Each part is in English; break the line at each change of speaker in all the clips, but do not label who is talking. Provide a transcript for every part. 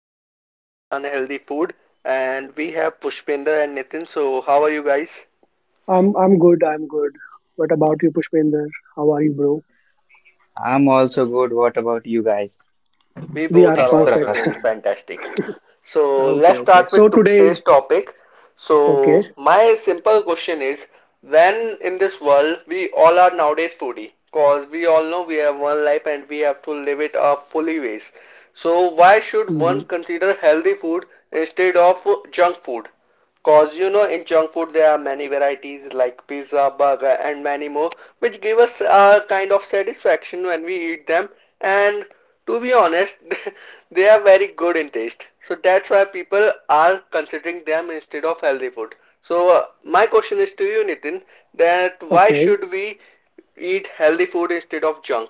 healthy versus unhealthy food, and we have Pushpinder and Nitin. So, how are you guys?
I'm good. I'm good. What about you, Pushpinder? How are you, bro?
I'm also good. What about you guys?
We
We
both
are
are
Thanks for
also
perfect.
doing
asking.
fantastic. So,
okay,
let's
okay.
start
So
with
today
today's
is
topic.
okay.
So, my simple question is when in this world we all are nowadays foodie, because we all know we have one life and we have to live it our fully ways. So, why should
hmm
one consider healthy food instead of junk food? Cause you know in junk food there are many varieties like pizza, burger and many more which give us a kind of satisfaction when we eat them and to be honest they are very good in taste. So that's why people are considering them instead of healthy food. So my question is to you, Nitin, that why
Okay,
should we eat healthy food instead of junk?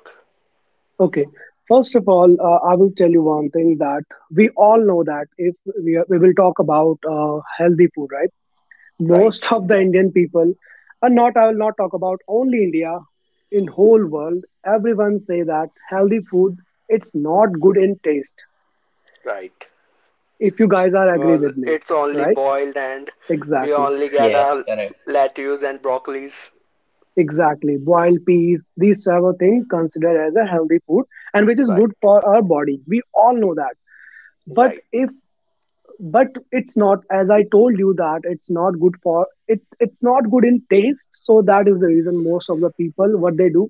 okay. First of all, I will tell you one thing that we all know that if we will talk about healthy food, right?
Right,
Most of the Indian people, and not I will not talk about only India, in whole world, everyone say that healthy food, it's not good in taste.
right.
If you guys are agree
Because
with me,
it's only
right?
boiled and we
Exactly.
only get
Yes,
our
correct.
lettuce and broccolis.
Exactly. Boiled peas, these type of thing considered as a healthy food, and which is
Right,
good for our body. We all know that. But
right,
if but it's not, as I told you, that it's not good for it's not good in taste. So that is the reason, most of the people, what they do,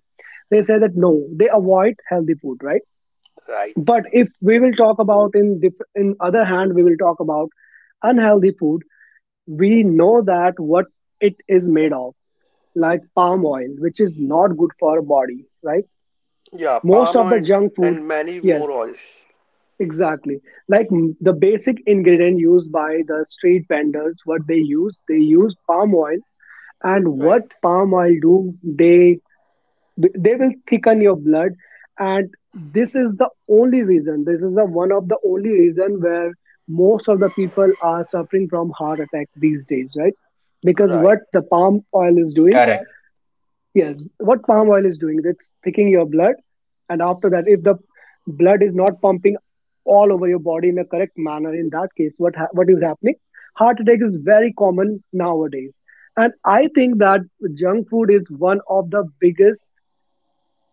they say that no, they avoid healthy food, right?
right.
But if we will talk about, in other hand, we will talk about unhealthy food. We know that what it is made of, like palm oil, which is not good for our body, right?
Yeah,
Most
palm
of
oil
the
and,
junk food,
and many more
yes,
oils.
exactly. Like the basic ingredient used by the street vendors, what they use palm oil, and what
Right,
palm oil do, they will thicken your blood, and this is the only reason. This is the one of the only reason where most of the people are suffering from heart attack these days, right? Because
right.
what the palm oil is doing.
Correct.
Yes, what palm oil is doing, it's thickening your blood. And after that, if the blood is not pumping all over your body in a correct manner, in that case, what what is happening? Heart attack is very common nowadays. And I think that junk food is one of the biggest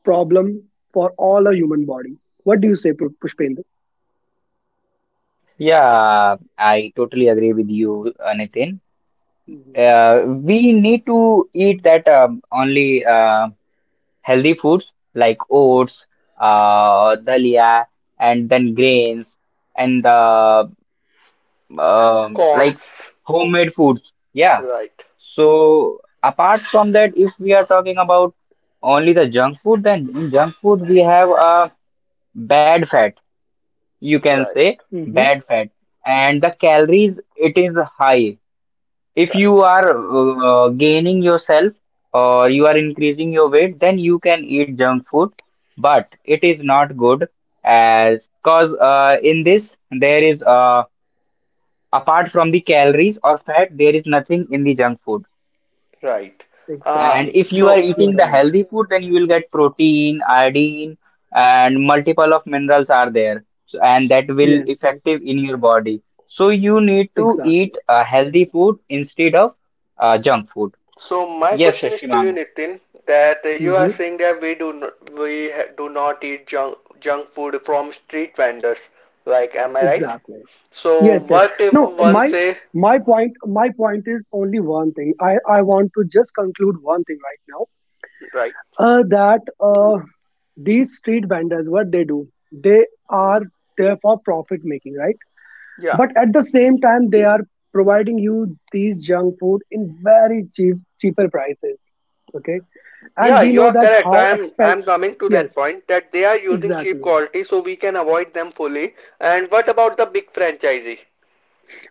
problem for all a human body. What do you say, Pushpendra?
Yeah, I totally agree with you, Nitin.
Mm-hmm.
We need to eat that, only, healthy foods like oats, dalia, and then grains and like
Corns.
homemade foods. Yeah.
Right,
So apart from that, if we are talking about only the junk food, then in junk food we have, bad fat,
Mm-hmm.
you can
right,
say bad fat, and the calories it is high. If
right,
you are, gaining yourself, or you are increasing your weight, then you can eat junk food, but it is not good as cause, in this there is, apart from the calories or fat, there is nothing in the junk food.
right.
Exactly.
Uh,
And
You're
if
right.
you are
so,
eating the healthy food, then you will get protein, iodine, and multiple of minerals are there. So, and that
Yes,
will
yes.
effective in your body. So you need to
Exactly.
eat a healthy food instead of junk food.
so my
Yes,
question is to you,
Shimang.
Nitin, that you
Mm-hmm.
are saying that we do not, we ha do not eat junk food from street vendors. Like, am I right?
Exactly.
So,
Yes, yes.
what if
No,
one
my
say,
my point is only one thing. I want to just conclude one thing right now.
right?
That these street vendors, what they do, they are there for profit making, right?
Yeah.
But at the same time, they are providing you these junk food in very cheaper prices. Okay, and
Yeah,
we
you
know
are
that
correct.
how
I am I
expensive.
am coming to that
Yes,
point that they are using cheap
exactly.
quality so we can avoid them fully. And what about the big franchisee?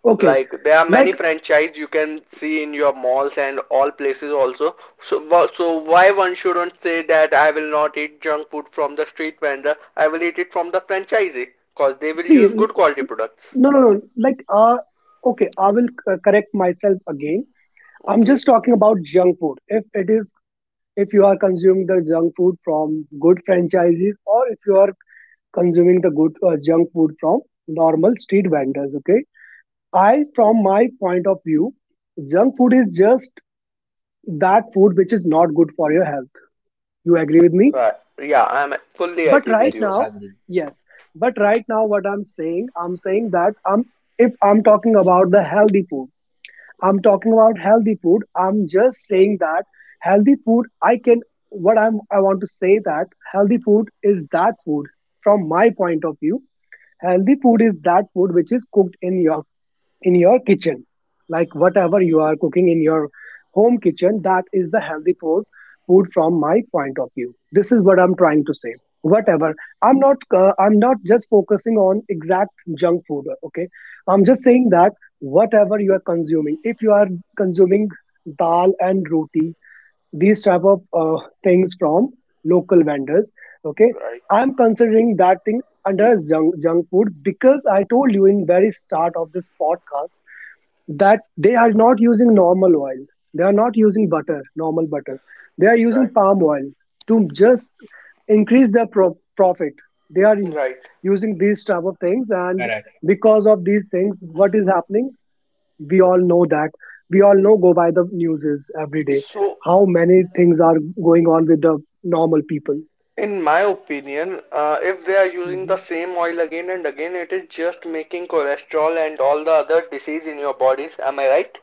Okay,
Like there are
like
many franchise you can see in your malls and all places also. So wha- so why one shouldn't say that I will not eat junk food from the street vendor? I will eat it from the franchisee because they will
see.
use good quality products.
No, no, no. I will correct myself again. I'm
Okay.
just talking about junk food. If it is, if you are consuming the junk food from good franchises, or if you are consuming the good junk food from normal street vendors, okay. From my point of view, junk food is just that food which is not good for your health. You agree with me?
Right. Yeah, I am fully
But
agree
right
with
Yes,
you.
now,
agree.
yes. But right now, what I'm saying that I'm if I'm talking about the healthy food, I'm talking about healthy food. I'm just saying that healthy food, I can, what I'm, I want to say that healthy food is that food, from my point of view. Healthy food is that food which is cooked in your kitchen, like whatever you are cooking in your home kitchen, that is the healthy food, from my point of view. This is what I'm trying to say. Whatever, I'm not just focusing on exact junk food, okay. I'm just saying that whatever you are consuming, if you are consuming dal and roti, these type of things from local vendors, okay,
Right.
I'm considering that thing under junk food, because I told you in very start of this podcast that they are not using normal oil, they are not using butter normal butter, they are using
Right.
palm oil to just increase their profit. They are
Right.
using these type of things,
Yeah,
and
correct.
because of these things, what is happening, we all know that. We all know, go by the news, is every day
So
how many things are going on with the normal people.
in my opinion, if they are using the
Mhm.
same oil again and again, it is just making cholesterol and all the other disease in your bodies. Am I right?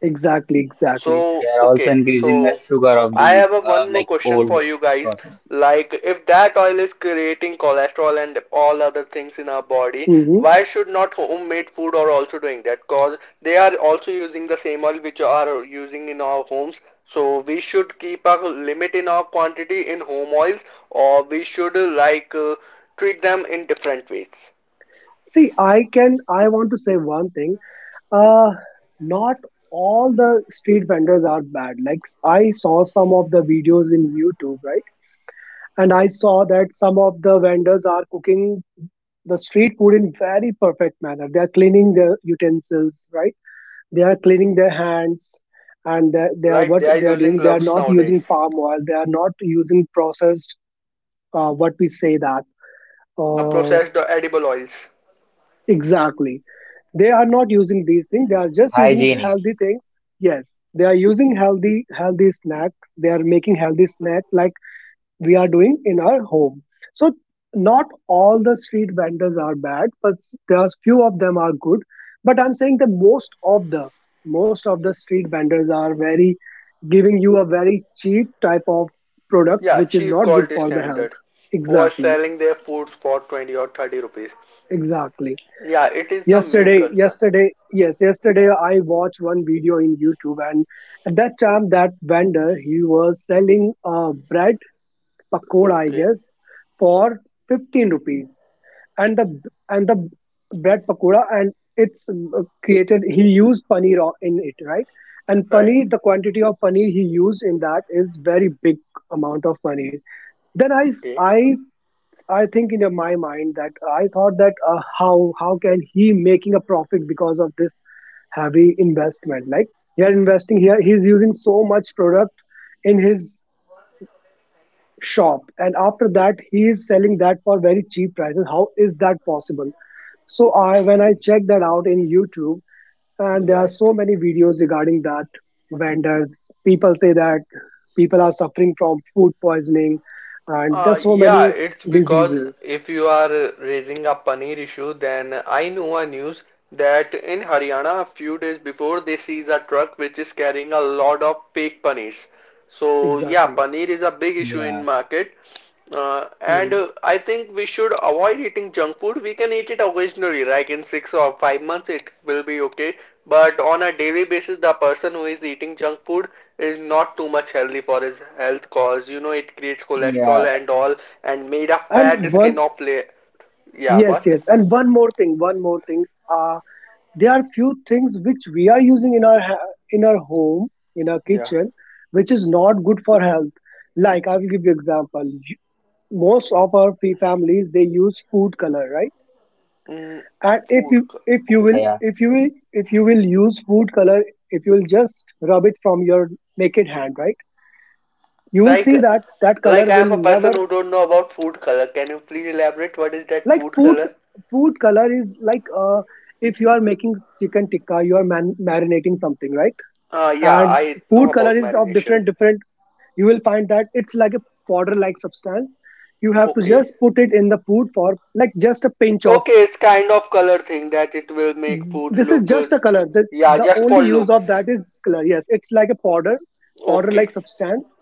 Exactly,
Yeah,
exactly.
they
So,
are also
okay,
increasing the
so
sugar of
I
the,
have a one more
like,
question
old
for you guys.
persons.
Like, if that oil is creating cholesterol and all other things in our body,
hmm
why should not homemade food are also doing that? Cause they are also using the same oil which are using in our homes. So we should keep a limit in our quantity in home oils, or we should like treat them in different ways.
See, I can, I want to say one thing. Uh, Not all the street vendors are bad. Like I saw some of the videos in YouTube, right? And I saw that some of the vendors are cooking the street food in very perfect manner. They are cleaning their utensils, right? They are cleaning their hands, and they are,
Right? They
what
are
they are
using
doing, they are
gloves
not using
nowadays.
palm oil. They are not using processed. What we say that. Uh,
Processed edible oils.
exactly, they are not using these things. They are just using
Hygienic.
healthy things. Yes, they are using healthy snack. They are making healthy snack like we are doing in our home. So not all the street vendors are bad, but there's few of them are good. But I'm saying the of the most of the street vendors are very, giving you a very cheap type of product
Yeah,
which is
cheap
not good
quality
for the
standard
health.
who are
Exactly,
selling their foods for 20 or 30 rupees.
exactly.
Yeah, it is the main concern.
Yes, yesterday I watched one video in YouTube, and at that time that vendor he was selling bread pakoda, I
Okay,
guess, for 15 rupees. And the and the bread pakoda, and it's created he used paneer in it, right? And
right.
paneer, the quantity of paneer he used in that is very big amount of paneer. Then
Okay,
I think in my mind, that I thought that how can he making a profit because of this heavy investment? Like here investing, here he's using so much product in his shop, and after that he is selling that for very cheap prices. How is that possible? So I, when I checked that out in YouTube, and there are
right.
so many videos regarding that vendors. People say that people are suffering from food poisoning, and there's so
Yeah,
many
it's because
diseases.
if you are raising a paneer issue, then I know a news that in Haryana a few days before they seize a truck which is carrying a lot of fake paneers. So yeah,
Exactly.
paneer is a big issue
Yeah,
in market. Uh, and
Mm.
uh, I think we should avoid eating junk food. We can eat it occasionally, like in 6 or 5 months, it will be okay. But on a daily basis, the person who is eating junk food is not too much healthy for his health cause, you know, it creates
yeah,
cholesterol and all, and made of fat
And
skin
one,
of play. Yeah,
yes,
what?
yes. And one more thing, one more thing. Uh, there are few things which we are using in our in our home, in our
Yeah.
kitchen, which is not good for health. Like I will give you example. You- Most of our families, they use food color, right?
Mm,
And if
food.
you,
Co-
if you
yeah,
will
Okay.
yeah.
if you will if you will use food color, if you will just rub it from your naked hand, right? You will
Like,
see that that
like,
color
I am
will
a person
never,
who don't know about food color. Can you please elaborate what is that
like
food
food,
color?
food color is like if you are making chicken tikka, you are marinating something, right?
Yeah,
And
I know
food color
about
is of
marination.
different different, you will find that it's like a powder like substance. You have to
Okay.
just put it in the food for, like just a pinch of,
Okay, it's kind of color thing that it will make food
this is
look
just a
good. Yeah,
the
just
only
for
use of
looks.
that is color. Yes, it's like a powder, powder like
Okay.
substance.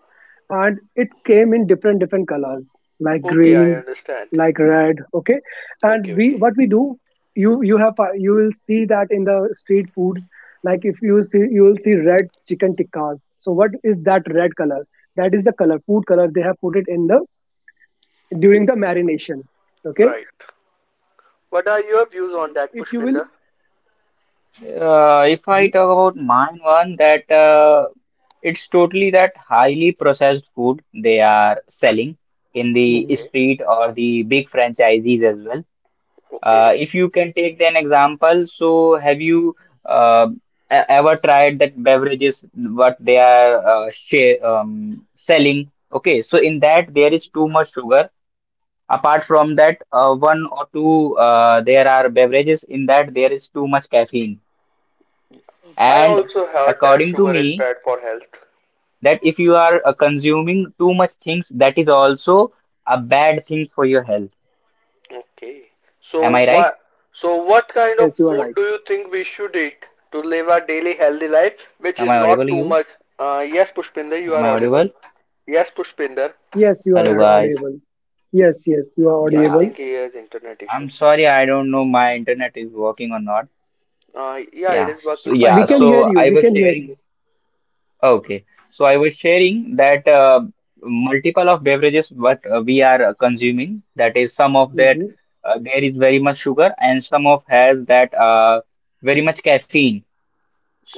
And it came in different different colors, like
Okay, I
green,
understand.
like red, okay. And
Okay,
we,
okay.
what we do, you will see that in the street foods, like if you see, you will see red chicken tikkas. So what is that red color, that is the color, food color, they have put it in the during the marination, okay.
Right. What are your views on that,
If you will,
Pushpinder?
If I
Mhm,
talk about mine one, that, it's totally that highly processed food they are selling in the
mhm.
Okay.
street or the big franchisees as well.
Okay.
If you can take an example, so have you, uh, ever tried that beverages what they are, selling? Okay, so in that there is too much sugar. Apart from that, one or two, there are beverages in that there is too much caffeine.
Okay,
I
And
okay.
also heard that
according to
sugar is
me,
bad for
in my
health.
opinion, that if you are, consuming too much things, that is also a bad thing for your health.
Okay.
Am
So
I right?
what so what
Yes,
kind of
yes, you are
food
right.
do you think we should eat to live a daily healthy
Hello?
life which
Am
is
I
not
audible
too
you?
much? Yes, Pushpinder, you
Am
are
I
audible.
audible?
Yes, Pushpinder.
Yes, you
Hello
are
guys.
audible. Yes, yes, you are
I
Yeah,
audible.
think he has internet
I'm
issue.
sorry, I don't know my internet is working or not.
Yeah, it
Yeah.
is
So
working
We
yeah,
fine
can
now.
hear
so
you,
I
we
was
can hear you.
sharing okay, so I was sharing that, multiple of beverages what, we are, consuming. That is, some of that,
Hmm
there is very much sugar, and some of has that, very much caffeine.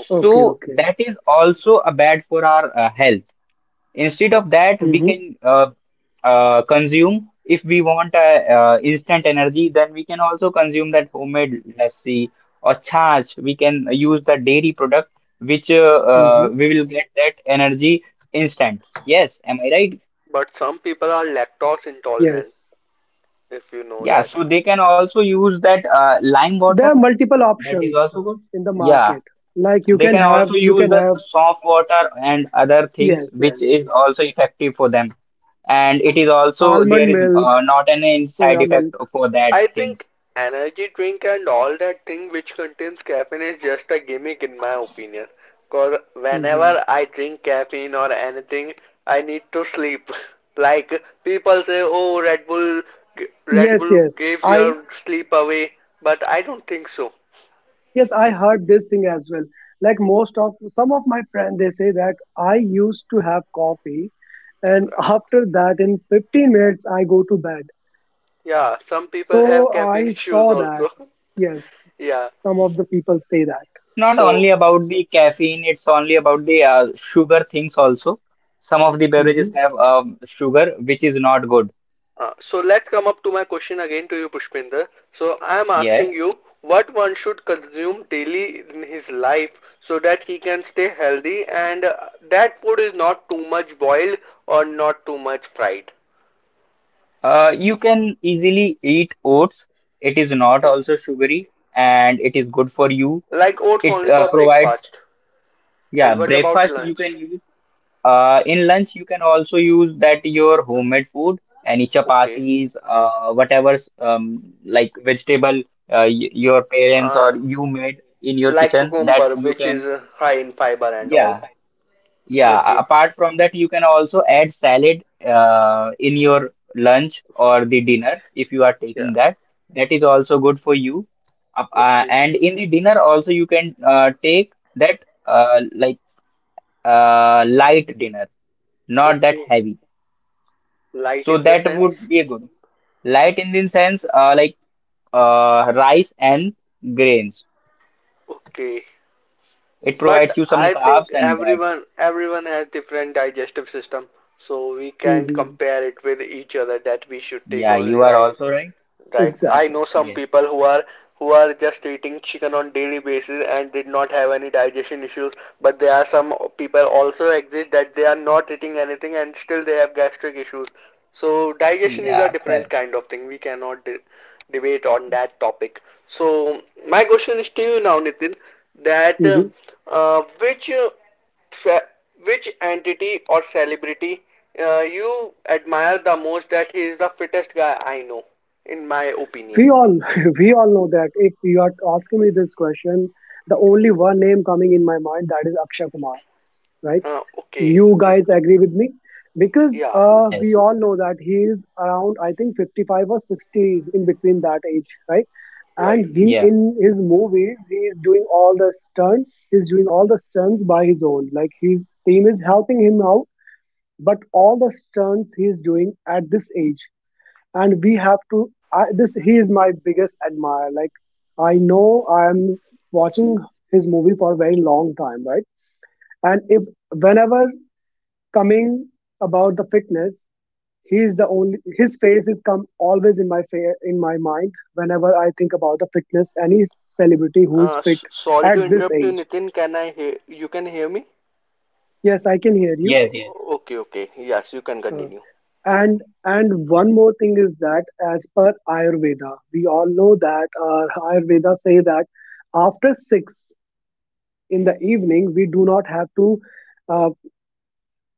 Okay.
Okay, okay.
that is also a bad for our, health. Instead of that,
Okay.
we
hmm
can, consume, if we want, instant energy, then we can also consume that homemade lassi or chach. We can use the dairy product, which,
hmm
we will get that energy instant. Yes, am I right?
But some people are lactose intolerant,
Yes.
if you know
Yeah,
that.
so they can also use that, lime
There are
water.
multiple
That is
options
also good.
in the
Yeah,
market. Like
they can also use the soft water and other things,
yes, yes,
which is also effective for them. And it is also there
almond
is,
milk,
not any side
soya milk.
effect for that
I
things.
think energy drink and all that thing which contains caffeine is just a gimmick in my opinion. Cause
Hmm
whenever I drink caffeine or anything, I need to sleep. Like people say, oh, Red Bull, Red
Yes,
Bull
yes.
gives
I
your sleep away, but I don't think so.
yes, I heard this thing as well. Like most of, some of my friends, they say that I used to have coffee, and after that, in 15 minutes, I go to bed.
Yeah, some people have
So
caffeine
I
issues
saw that.
also.
Yes,
Yeah.
some of the people say that.
It's not only
So,
about the caffeine, it's only about the, sugar things also. Some of the beverages
Hmm
have, sugar, which is not good.
so let's come up to my question again to you, Pushpinder. So, I am
Yes.
asking you what one should consume daily in his life so that he can stay healthy and that food is not too much boiled or not too much fried.
You can easily eat oats. It is not
Okay.
also sugary, and it is good for you.
Like oats
It,
only for
provides.
breakfast.
Yeah,
And what about
breakfast you can
lunch?
use. In lunch, you can also use that your homemade food, any
Okay.
chapatis, whatever, like vegetable, y your parents or
Uh,
you made in your
like
kitchen, that
cucumber,
you
which
can.
is high in fiber and all.
Yeah, yeah.
Okay.
Apart from that, you can also add salad, in your lunch or the dinner if you are
Yeah.
taking that. That is also good for you.
Okay.
And in the dinner also, you can, take that, like, light dinner, not that
Okay,
heavy.
light
So
in the
that would
sense.
be a good. Light in the sense, like, rice and grains.
Okay,
It provides
but
you some
I
Okay.
think
carbs and that.
everyone has different digestive system, so we can't
hmm
compare it with each other that we should take
Yeah, you
only
are
right.
also right.
Right. I
Exactly.
know some
Yes.
people who are just eating chicken on daily basis and did not have any digestion issues, but there are some people also exist that they are not eating anything and still they have gastric issues. So digestion is a
Yeah, correct.
different kind of thing. We cannot de debate on that topic. So my question is to you now, Nitin, that uh, which uh, which entity or celebrity you admire the most that he is the fittest guy I know? In my opinion.
We all we all know that if you are asking me this question, the
Yeah.
only one name coming in my mind, that is Akshay Kumar, right?
Okay,
You guys agree with me? Because
yeah,
we
Yes.
all know that he is around, I think, 55 or 60, in between that age, right? And
right.
he
Yeah.
in his movies he is doing all the stunts. He's doing all the stunts by his own, like his team is helping him out, but all the stunts he is doing at this age. And we have to, this, he is my biggest admirer. Like I know I'm watching his movie for a very long time, right? And if whenever coming about the fitness, he is the only his face is come always in my in my mind whenever I think about the fitness, any celebrity who is fit
Sorry
at
to
this
interrupt you,
age.
Nitin. Can I hear you? Can hear me?
Yes, I can hear you.
Yes, yes.
Okay, okay. Yes, you can
Uh,
continue.
And and one more thing is that, as per Ayurveda, we all know that, Ayurveda say that after six in the evening we do not have to. Uh,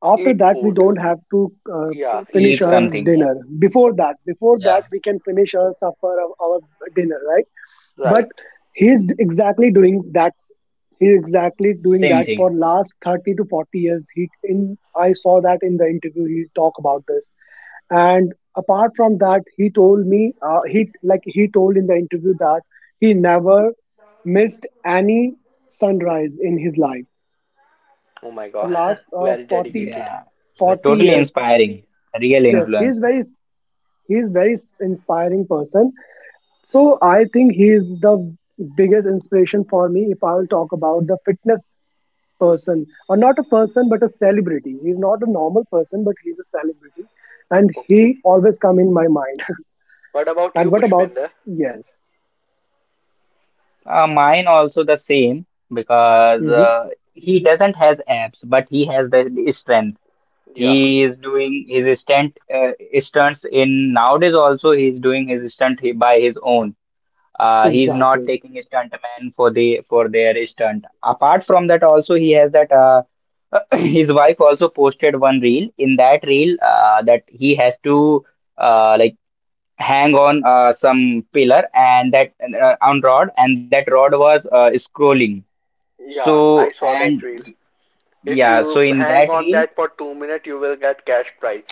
After
Eat
that we
food.
don't have to
Yeah,
finish
eat
Eat
food.
our
something. Yeah.
dinner. Before that
Yeah.
we can finish our supper of our dinner, right? But
Right.
he is exactly doing that. He is exactly doing
Same
that for
thing.
last 30 to 40 years. He in I saw that in the interview he talk about this, and apart from that he told me he like he told in the interview that he never missed any sunrise in his life
Oh my
for
God.
last
Very
40
dedicated.
Yeah. You're
forty
totally
years
inspiring. Real
Yeah.
Yes, he is
influencer.
very he is very inspiring person. So I think he is the biggest inspiration for me. If I will talk about the fitness person, or not a person but a celebrity, he's not a normal person but he's a celebrity, and he
Okay.
always come in my mind.
What about
And
you,
what about?
Pushpinder?
Yes.
Mine also the same, because,
Hmm.
he doesn't has abs, but he has the strength.
Yeah.
He is doing his stunts in nowadays, also he's doing his stunt by his own. He's not
Exactly.
taking a stuntman for their stunt. Apart from that, also he has that, his wife also posted one reel. In that reel, that he has to, like, hang on, some pillar, and that, on rod, and that rod was, scrolling.
Yeah,
So
I saw that
and
reel. If
yeah, so
you
in
hang
that
on
reel.
that for 2 minutes, you will get cash prize.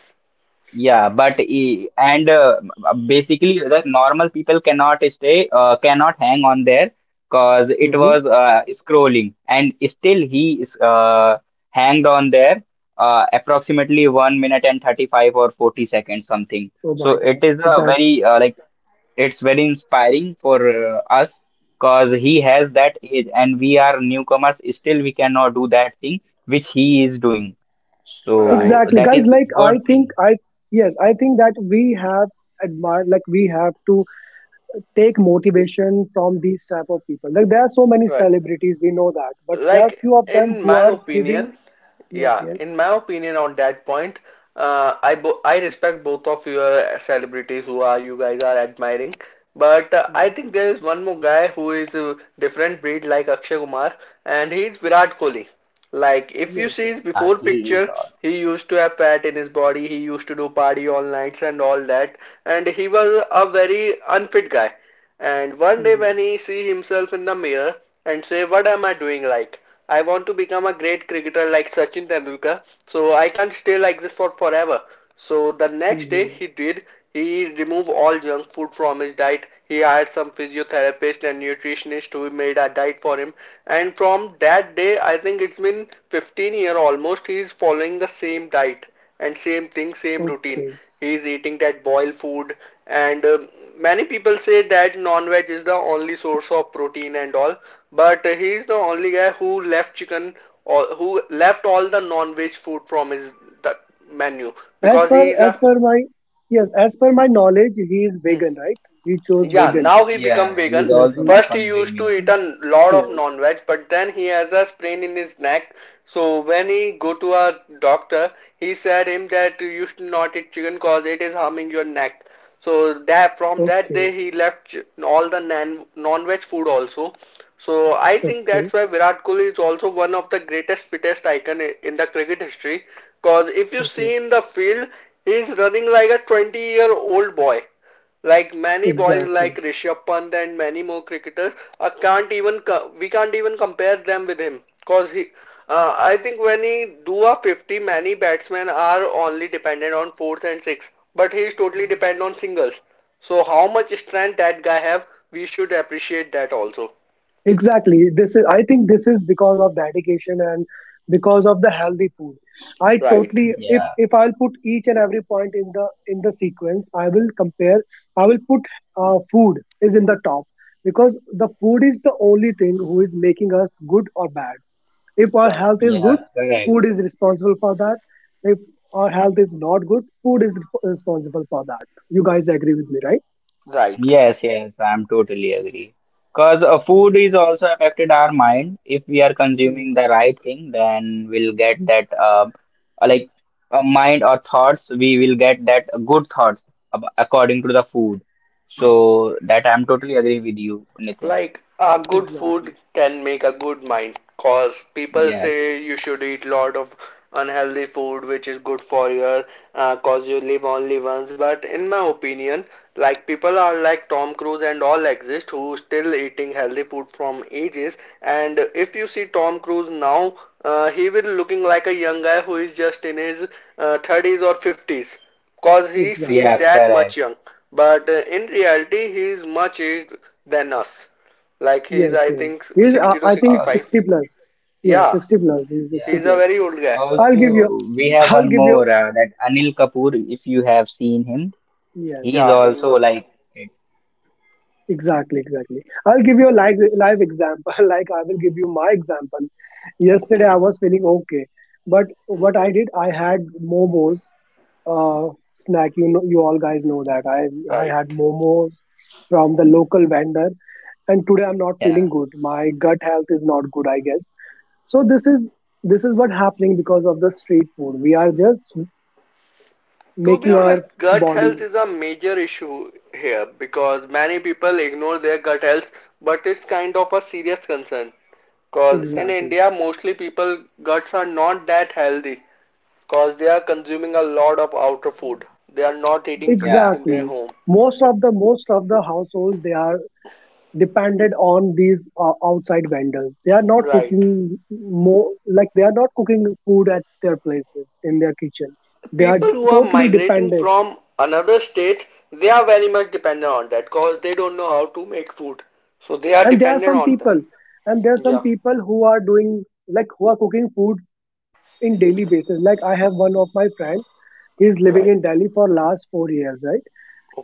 Yeah, but e- and basically the normal people cannot stay, cannot hang on there because it
Hmm.
was, scrolling, and still he is, hanged on there, approximately 1 minute and 35 or 40 seconds something.
Oh
So
my God,
it is a very
that's
like it's very inspiring for, us, because he has that age and we are newcomers, still we cannot do that thing which he is doing. So
Right.
exactly,
that
guys.
is
Like I
good thing.
think I Yes, I think that we have admire, like we have to take motivation from these type of people. Like there are so many
Right.
celebrities, we know that, but there are
Like
few of them
in
who
my
are giving.
opinion,
Yes,
Yeah,
yes.
in my opinion on that point, I respect both of your celebrities who are you guys are admiring, but I
Hmm.
think there is one more guy who is a different breed like Akshay Kumar, and he is Virat Kohli. Like if you
Yes,
see
yes.
his
Yeah,
before
he is
picture,
all.
he used to have fat in his body, he used to do party all nights and all that, and he was a very unfit guy. And one day
Hmm.
when he see himself in the mirror and say, "What am I doing like?" I want to become a great cricketer like Sachin Tendulkar. So I can't stay like this for forever. So the next day
Hmm.
he did. He removed all junk food from his diet. He hired some physiotherapist and nutritionist who made a diet for him. And from that day, I think it's been 15-year almost, he is following the same diet and same thing, same routine.
Okay.
He is eating that boiled food, and many people say that non-veg is the only source of protein and all, but he is the only guy who left chicken or who left all the non-veg food from his menu
As
because
per
he is a
as per my. Yes, as per my knowledge, he is vegan, right? He chose
Yeah,
vegan,
now he become
Yeah, he is
vegan.
so
also
he.
not
First he used to
consuming.
eat a lot of
Yes.
non-veg, but then he has a sprain in his neck. So when he go to a doctor, he said him that you should not eat chicken cause it is harming your neck. So that from that
Okay,
day he left all the non-veg food also. So I think
okay,
that's why Virat Kohli is also one of the greatest fittest icon in the cricket history. Cause if you
okay.
see in the field, he is running like a 20-year-old boy like many boys like
Exactly.
Rishabh Pant and many more cricketers, I can't even we can't even compare them with him because he. I think when he do a 50, many batsmen are only dependent on fours and six, but he is totally dependent on singles. So how much strength that guy have, we should appreciate that also.
Exactly. This is, I think this is because of dedication and because of the healthy food. I
Right,
totally, if
Yeah,
if I'll put each and every point in the sequence, I will compare. I will put food is in the top, because the food is the only thing who is making us good or bad. If our
right,
health is
yeah,
good,
correct.
food is responsible for that. If our health is not good, food is responsible for that. You guys agree with me, right?
right.
Yes, yes, I'm totally agree. Because, food is
Exactly.
also affected our mind. If we are consuming
Hmm.
the right thing, then we'll get that, like, mind or thoughts. We will get that good thoughts according to the food. So that I'm totally agree with you, Nitin.
Like a good food
Exactly.
can make a good mind, cause people
Yes.
say you should eat lot of unhealthy food which is good for your cause you live only once. But in my opinion, like people are like Tom Cruise and all exist who still eating healthy food from ages. And if you see Tom Cruise now, he will looking like a young guy who is just in his 30s or 50s cause he seems
Exactly.
Yeah,
that much
correct.
young but in reality he is much aged than us like he's
Yes.
I
Yes.
think
He's. Uh,
60 to
I think
All.
65.
60 plus. Yeah,
Yeah,
60 plus. He's
Yeah.
60
he's a
plus.
very old guy.
I'll give you.
Also, we have
I'll
one
give you.
more, that Anil Kapoor, if you have seen him,
Yes.
he's
Yeah,
Yes.
he's
also like.
Exactly. Exactly. I'll give you a live example. Like I will give you my example. Yesterday I
okay.
was feeling okay, but
Hmm.
what I did, I had momos, uh, snack. You know, you all guys know that I had
Right.
momos from the local vendor, and today I'm not
Yeah,
feeling good. My gut health is not good, I guess. So this is what happening because of the street food. We are just
To be
making
honest,
our
gut health
body.
is a major issue here because many people ignore their gut health, but it's kind of a serious concern. Cause in
Exactly,
India, mostly people guts are not that healthy cause they are consuming a lot of outer food. They are not eating foods
yeah,
in their
exactly.
home.
Most of the households, they are dependent on these outside vendors. They are not
Right.
cooking more, like they are not cooking food at their places in their kitchen. They are
People who are
totally
migrating
dependent,
from another state, they are very much dependent on that because they don't know how to make food. So they are
and there are
dependent
some
on that.
people, and there are some
Yeah,
people who are doing, like who are cooking food in daily basis. Like I have one of my friend, he's living in
right.
Delhi for last 4 years, right?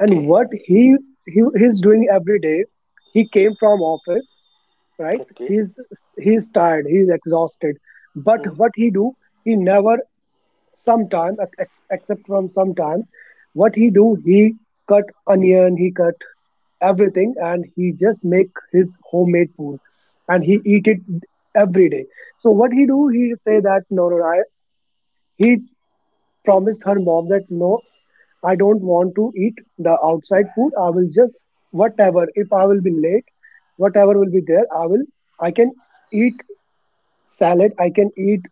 And what he he's doing every day, he came from office, right?
okay.
He's he's tired, he's exhausted, but
Hmm.
what he do, he never, except from sometime, what he do, he cut onion, he cut everything, and he just make his homemade food, and he eat it every day. So what he do, he say that, "No, no, I he promised her mom that no, I don't want to eat the outside food. I will just whatever. If I will be late, whatever will be there, I will. I can eat salad. I can eat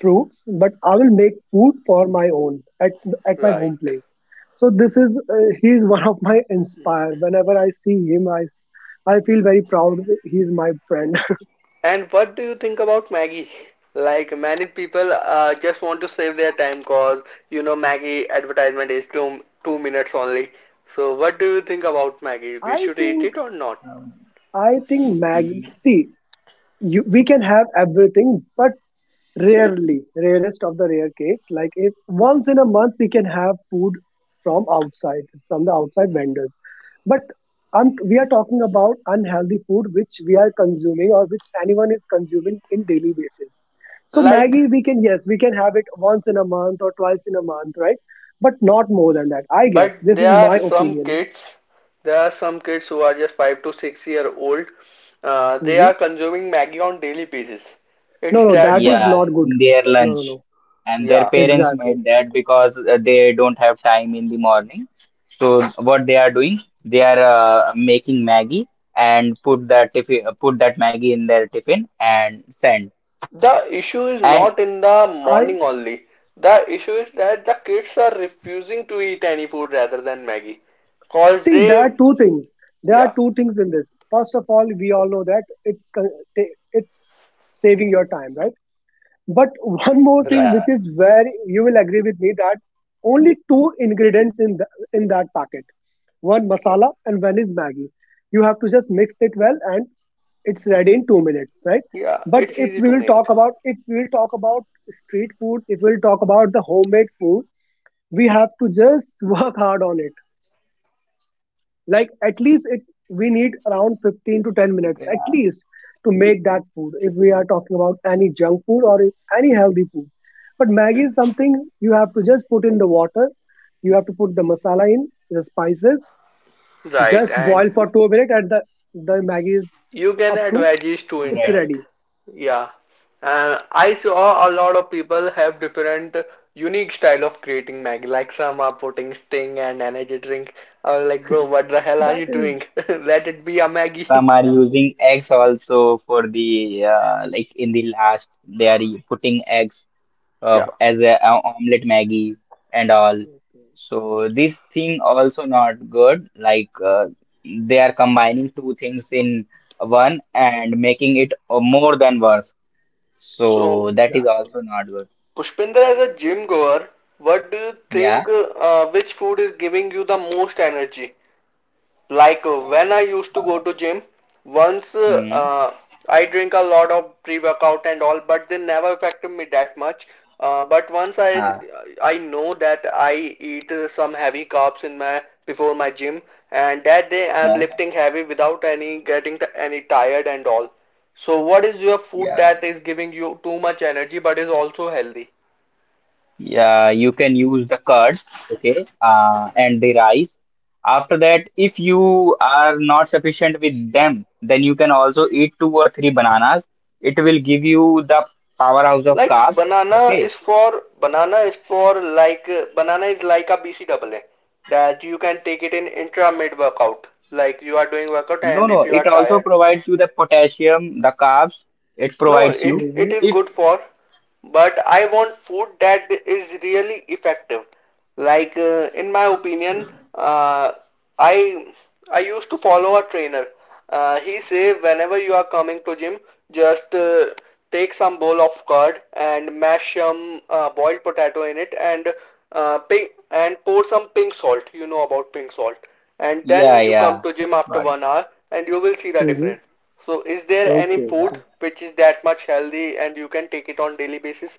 fruits, but I will make food for my own at my
Right.
home place." So this is he is one of my inspire. Whenever I see him, I feel very proud. He is my friend.
And what do you think about Maggie? Like many people just want to save their time cause Maggie advertisement is two two minutes only. So what do you think about Maggie? We
I
should eat
think
it or not?
um,
I think Mag.
mm,
See, we can have everything, but rarely, rarest of the rare case. Like if once in a month we can have food from outside, from the outside vendors. But I'm, we are talking about unhealthy food which we are consuming, or which anyone is consuming in daily basis. So
Like.
Maggie, we can, yes, we can have it once in a month or twice in a month, right? But not more than that. I guess
But
this is
there are
my
some
opinion.
kids, who are just 5 to 6 year old. They
Hmm.
are consuming Maggie on daily basis.
No,
It's
no,
that
that is
much.
yeah,
not good.
in their
No, no,
lunch.
no.
And their
Yeah.
parents
Exactly.
made that because, they don't have time in the morning. So what they are doing, they are, making Maggie and put that Maggie in their tiffin and send.
The issue is
And
not in the
I
morning only. The issue is that the kids are refusing to eat any food rather than Maggie. Cause
see, there
they,
are two things. There are
yeah,
two things in this. First of all, we all know that it's saving your time, right? But one more thing,
right.
yeah,
which is where you will agree with me, that only two ingredients in the, in that packet, one masala and one is Maggi. You have to just mix it well, and it's ready in 2 minutes, right?
Yeah,
But
it's
if
easy
we
to
will
make.
talk about if we will talk about street food, if we will talk about the homemade food, we have to just work hard on it, like at least it we need
yeah,
around 15 to 10 minutes at least to make that food, if we are talking about any junk food or any healthy food. But maggi is something you have to just put in the water, you have to put the masala in, the spices,
Right,
just
and
boil for 2 minutes and the maggi is
you can
up
add
to,
veggies too in
it's
that.
right.
ready.
Yeah. I saw a lot of people have different unique style of creating Maggi. Like some are putting sting and energy drink. I was like, bro, what the hell are
That
you
is
doing? Let it be a
Some
Maggi.
are using eggs also for the, in the last they are putting eggs,
Yeah.
as a, omelet Maggie and all.
okay.
So this thing also not good. Like, they are combining two things in one and making it, more than worse.
So,
So
Exactly,
that is
exactly.
also not good.
Pushpinder, as a gym goer, what do you
Yeah.
think which food is giving you the most energy? Like when I used to go to gym, once
Hmm.
I drink a lot of pre-workout and all, but they never affected me that much. But once I
Ah.
I know that I eat some heavy carbs in my before my gym, and that day I'm
Yeah.
lifting heavy without any getting any tired and all. So what is your food
Yeah.
that is giving you too much energy but is also healthy?
Yeah, you can use the curd, okay, and the rice. After that, if you are not sufficient with them, then you can also eat two or three bananas. It will give you the powerhouse of
Like
carbs,
banana
okay.
is for banana is for banana is like a BCAA that you can take it in intra mid workout like you are doing workout
No,
and
no,
if you are
it also
tired.
provides you the potassium, the carbs, it
No,
provides you.
it
Mm-hmm,
it is
If,
good for, but I want food that is really effective. Like in my opinion, uh, I I used to follow a trainer. He say whenever you are coming to gym, just take some bowl of curd and mash some boiled potato in it and and pour some pink salt. You know about pink salt. And
yeah,
then you come
yeah,
to gym after
got
1 hour and you will see the
mm-hmm.
difference. So is there any
Okay,
it.
food
okay.
which is that much healthy and you can take it on daily basis?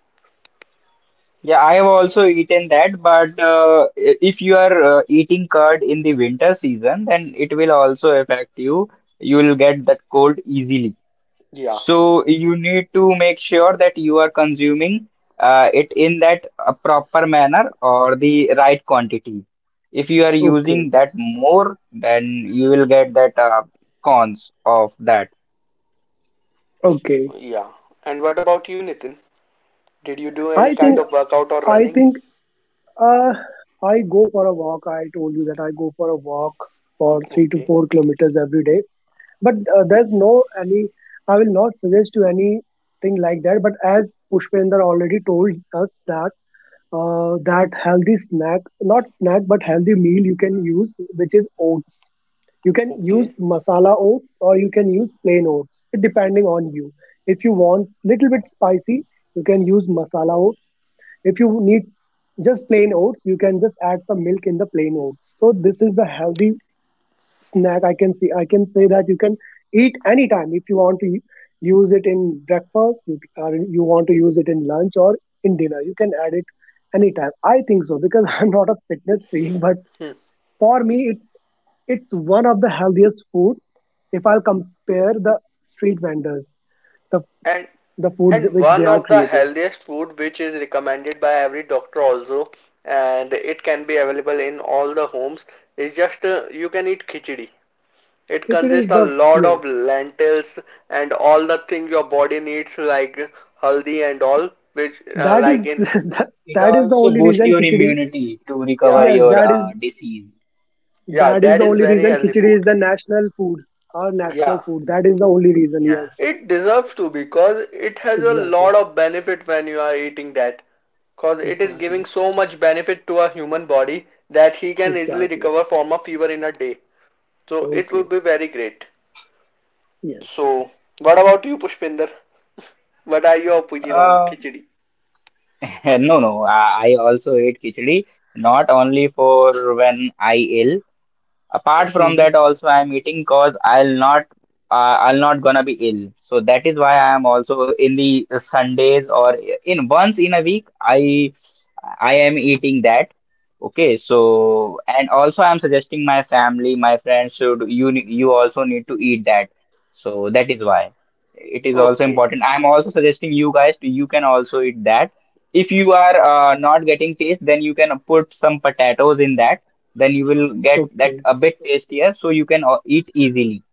Yeah, I have also eaten that, but, if you are, eating curd in the winter season, then it will also affect you. You will get that cold easily.
Yeah,
So you need to make sure that you are consuming, it in that, proper manner or the right quantity. If you are
Okay,
using that more, then you will get that, cons of that.
okay.
yeah. And what about you, Nitin? Did you do
i
any
think
kind of workout or
i
running?
think Uh, I go for a walk. I told you that I go for a walk for three to
Okay,
four kilometers every day. But there's no any. I will not suggest to anything like that. But as Pushpender already told us that that healthy snack, not snack, but healthy meal you can use, which is oats. You can use
okay.
masala oats or you can use plain oats, depending on you. If you want little
Yeah.
bit spicy, you can use masala oats. If you need just plain oats, you can just add some milk in the plain oats. So this is the healthy snack. I can see. I can say that you can eat anytime. If you want to use it in breakfast, you or you want to use it in lunch or in dinner, you can add it anytime. I think so. Because I'm not a fitness freak, but
Hmm.
for me, it's one of the healthiest food, if I'll compare the street vendors, the
And
the food
and
which they
one
are
of the
creating.
healthiest food which is recommended by every doctor also, and it can be available in all the homes, is just you can eat khichdi. It
Khichdi
consists
is
a
the.
Yeah,
lot of
Yes.
lentils and all the things your body needs like haldi and all which
That is
like in
it
that is the
also
only
boosts
reason
your
khichdi.
immunity to recover
yeah,
Yes,
your, disease.
yeah,
that is
that
the
is
only
very
reason
healthy
khichdi is
food.
the national food, our national
Yeah,
food. That is the only reason.
Yeah.
Yes,
it deserves to because it has a
exactly,
lot of benefit when you are eating that because it is giving
exactly,
so much benefit to a human body that he can easily
exactly.
recover from a fever in a day. So it would
Okay.
be very great.
Yes.
So what about you, Pushpinder? What are your opinion on
Uh,
khichdi?
No, no. I also ate khichdi, not only for when I ill. Apart
Okay.
from
Mhm.
that, also I am eating cause I'll not, I'll not gonna be ill. So that is why I am also in the Sundays, or in once in a week I am eating that. Okay, so and also I'm suggesting my family, my friends, should you also need to eat that. So that is why it is also
Okay.
important. I'm also suggesting you guys to, you can also eat that. If you are, not getting taste, then you can put some potatoes in that, then you will get that
Okay.
a bit tastier, so you can, eat easily.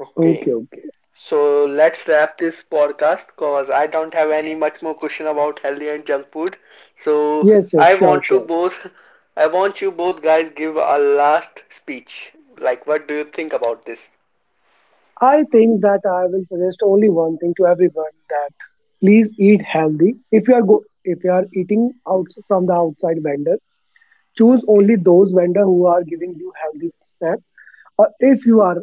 Okay.
Okay. Okay.
So let's wrap this podcast because I don't have any much more question about healthy and junk food. So
Yes. Yes.
I
Sure.
want to
Sure.
both, I want you both guys give a last speech. Like, what do you think about this?
I think that I will suggest only one thing to everyone, that please eat healthy. If you are eating out from the outside vendor, choose
Okay.
only those vendor who are giving you healthy snack. If you are,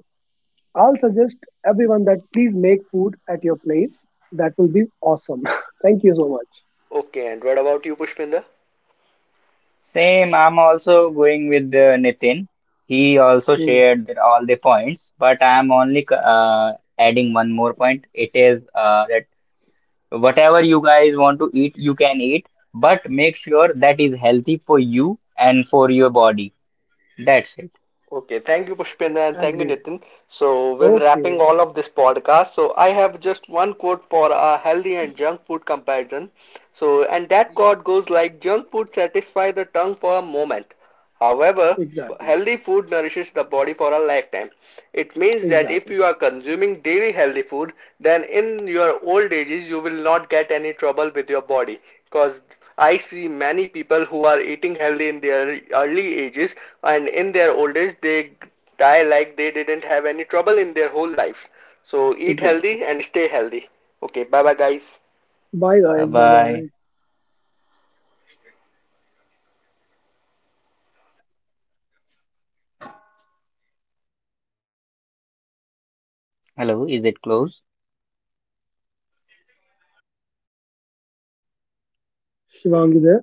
I'll suggest everyone that please make food at your place. That will be awesome. Thank you so much.
Okay, and what about you, Pushpinder?
Same, I'm also going with, Nitin. He also
Okay.
Hmm.
shared that all the points, but I'm only, adding one more point. It is, that whatever you guys want to eat, you can eat, but make sure that is healthy for you and for your body. That's it.
Okay, thank you, Pushpendra, and thank you,
Agreed.
Nitin. So, with
Okay.
wrapping all of this podcast, so I have just one quote for a healthy and junk food comparison. So, and that quote goes like junk food satisfies the tongue for a moment, however,
Exactly.
healthy food nourishes the body for a lifetime. It means that
Exactly.
if you are consuming daily healthy food, then in your old ages you will not get any trouble with your body. Because I see many people who are eating healthy in their early ages and in their old age they die like they didn't have any trouble in their whole life. So eat
Exactly.
healthy and stay healthy. Okay, bye bye guys.
Bye guys.
Bye
Bye bye.
bye. Hello, is it closed?
Shivangi is there.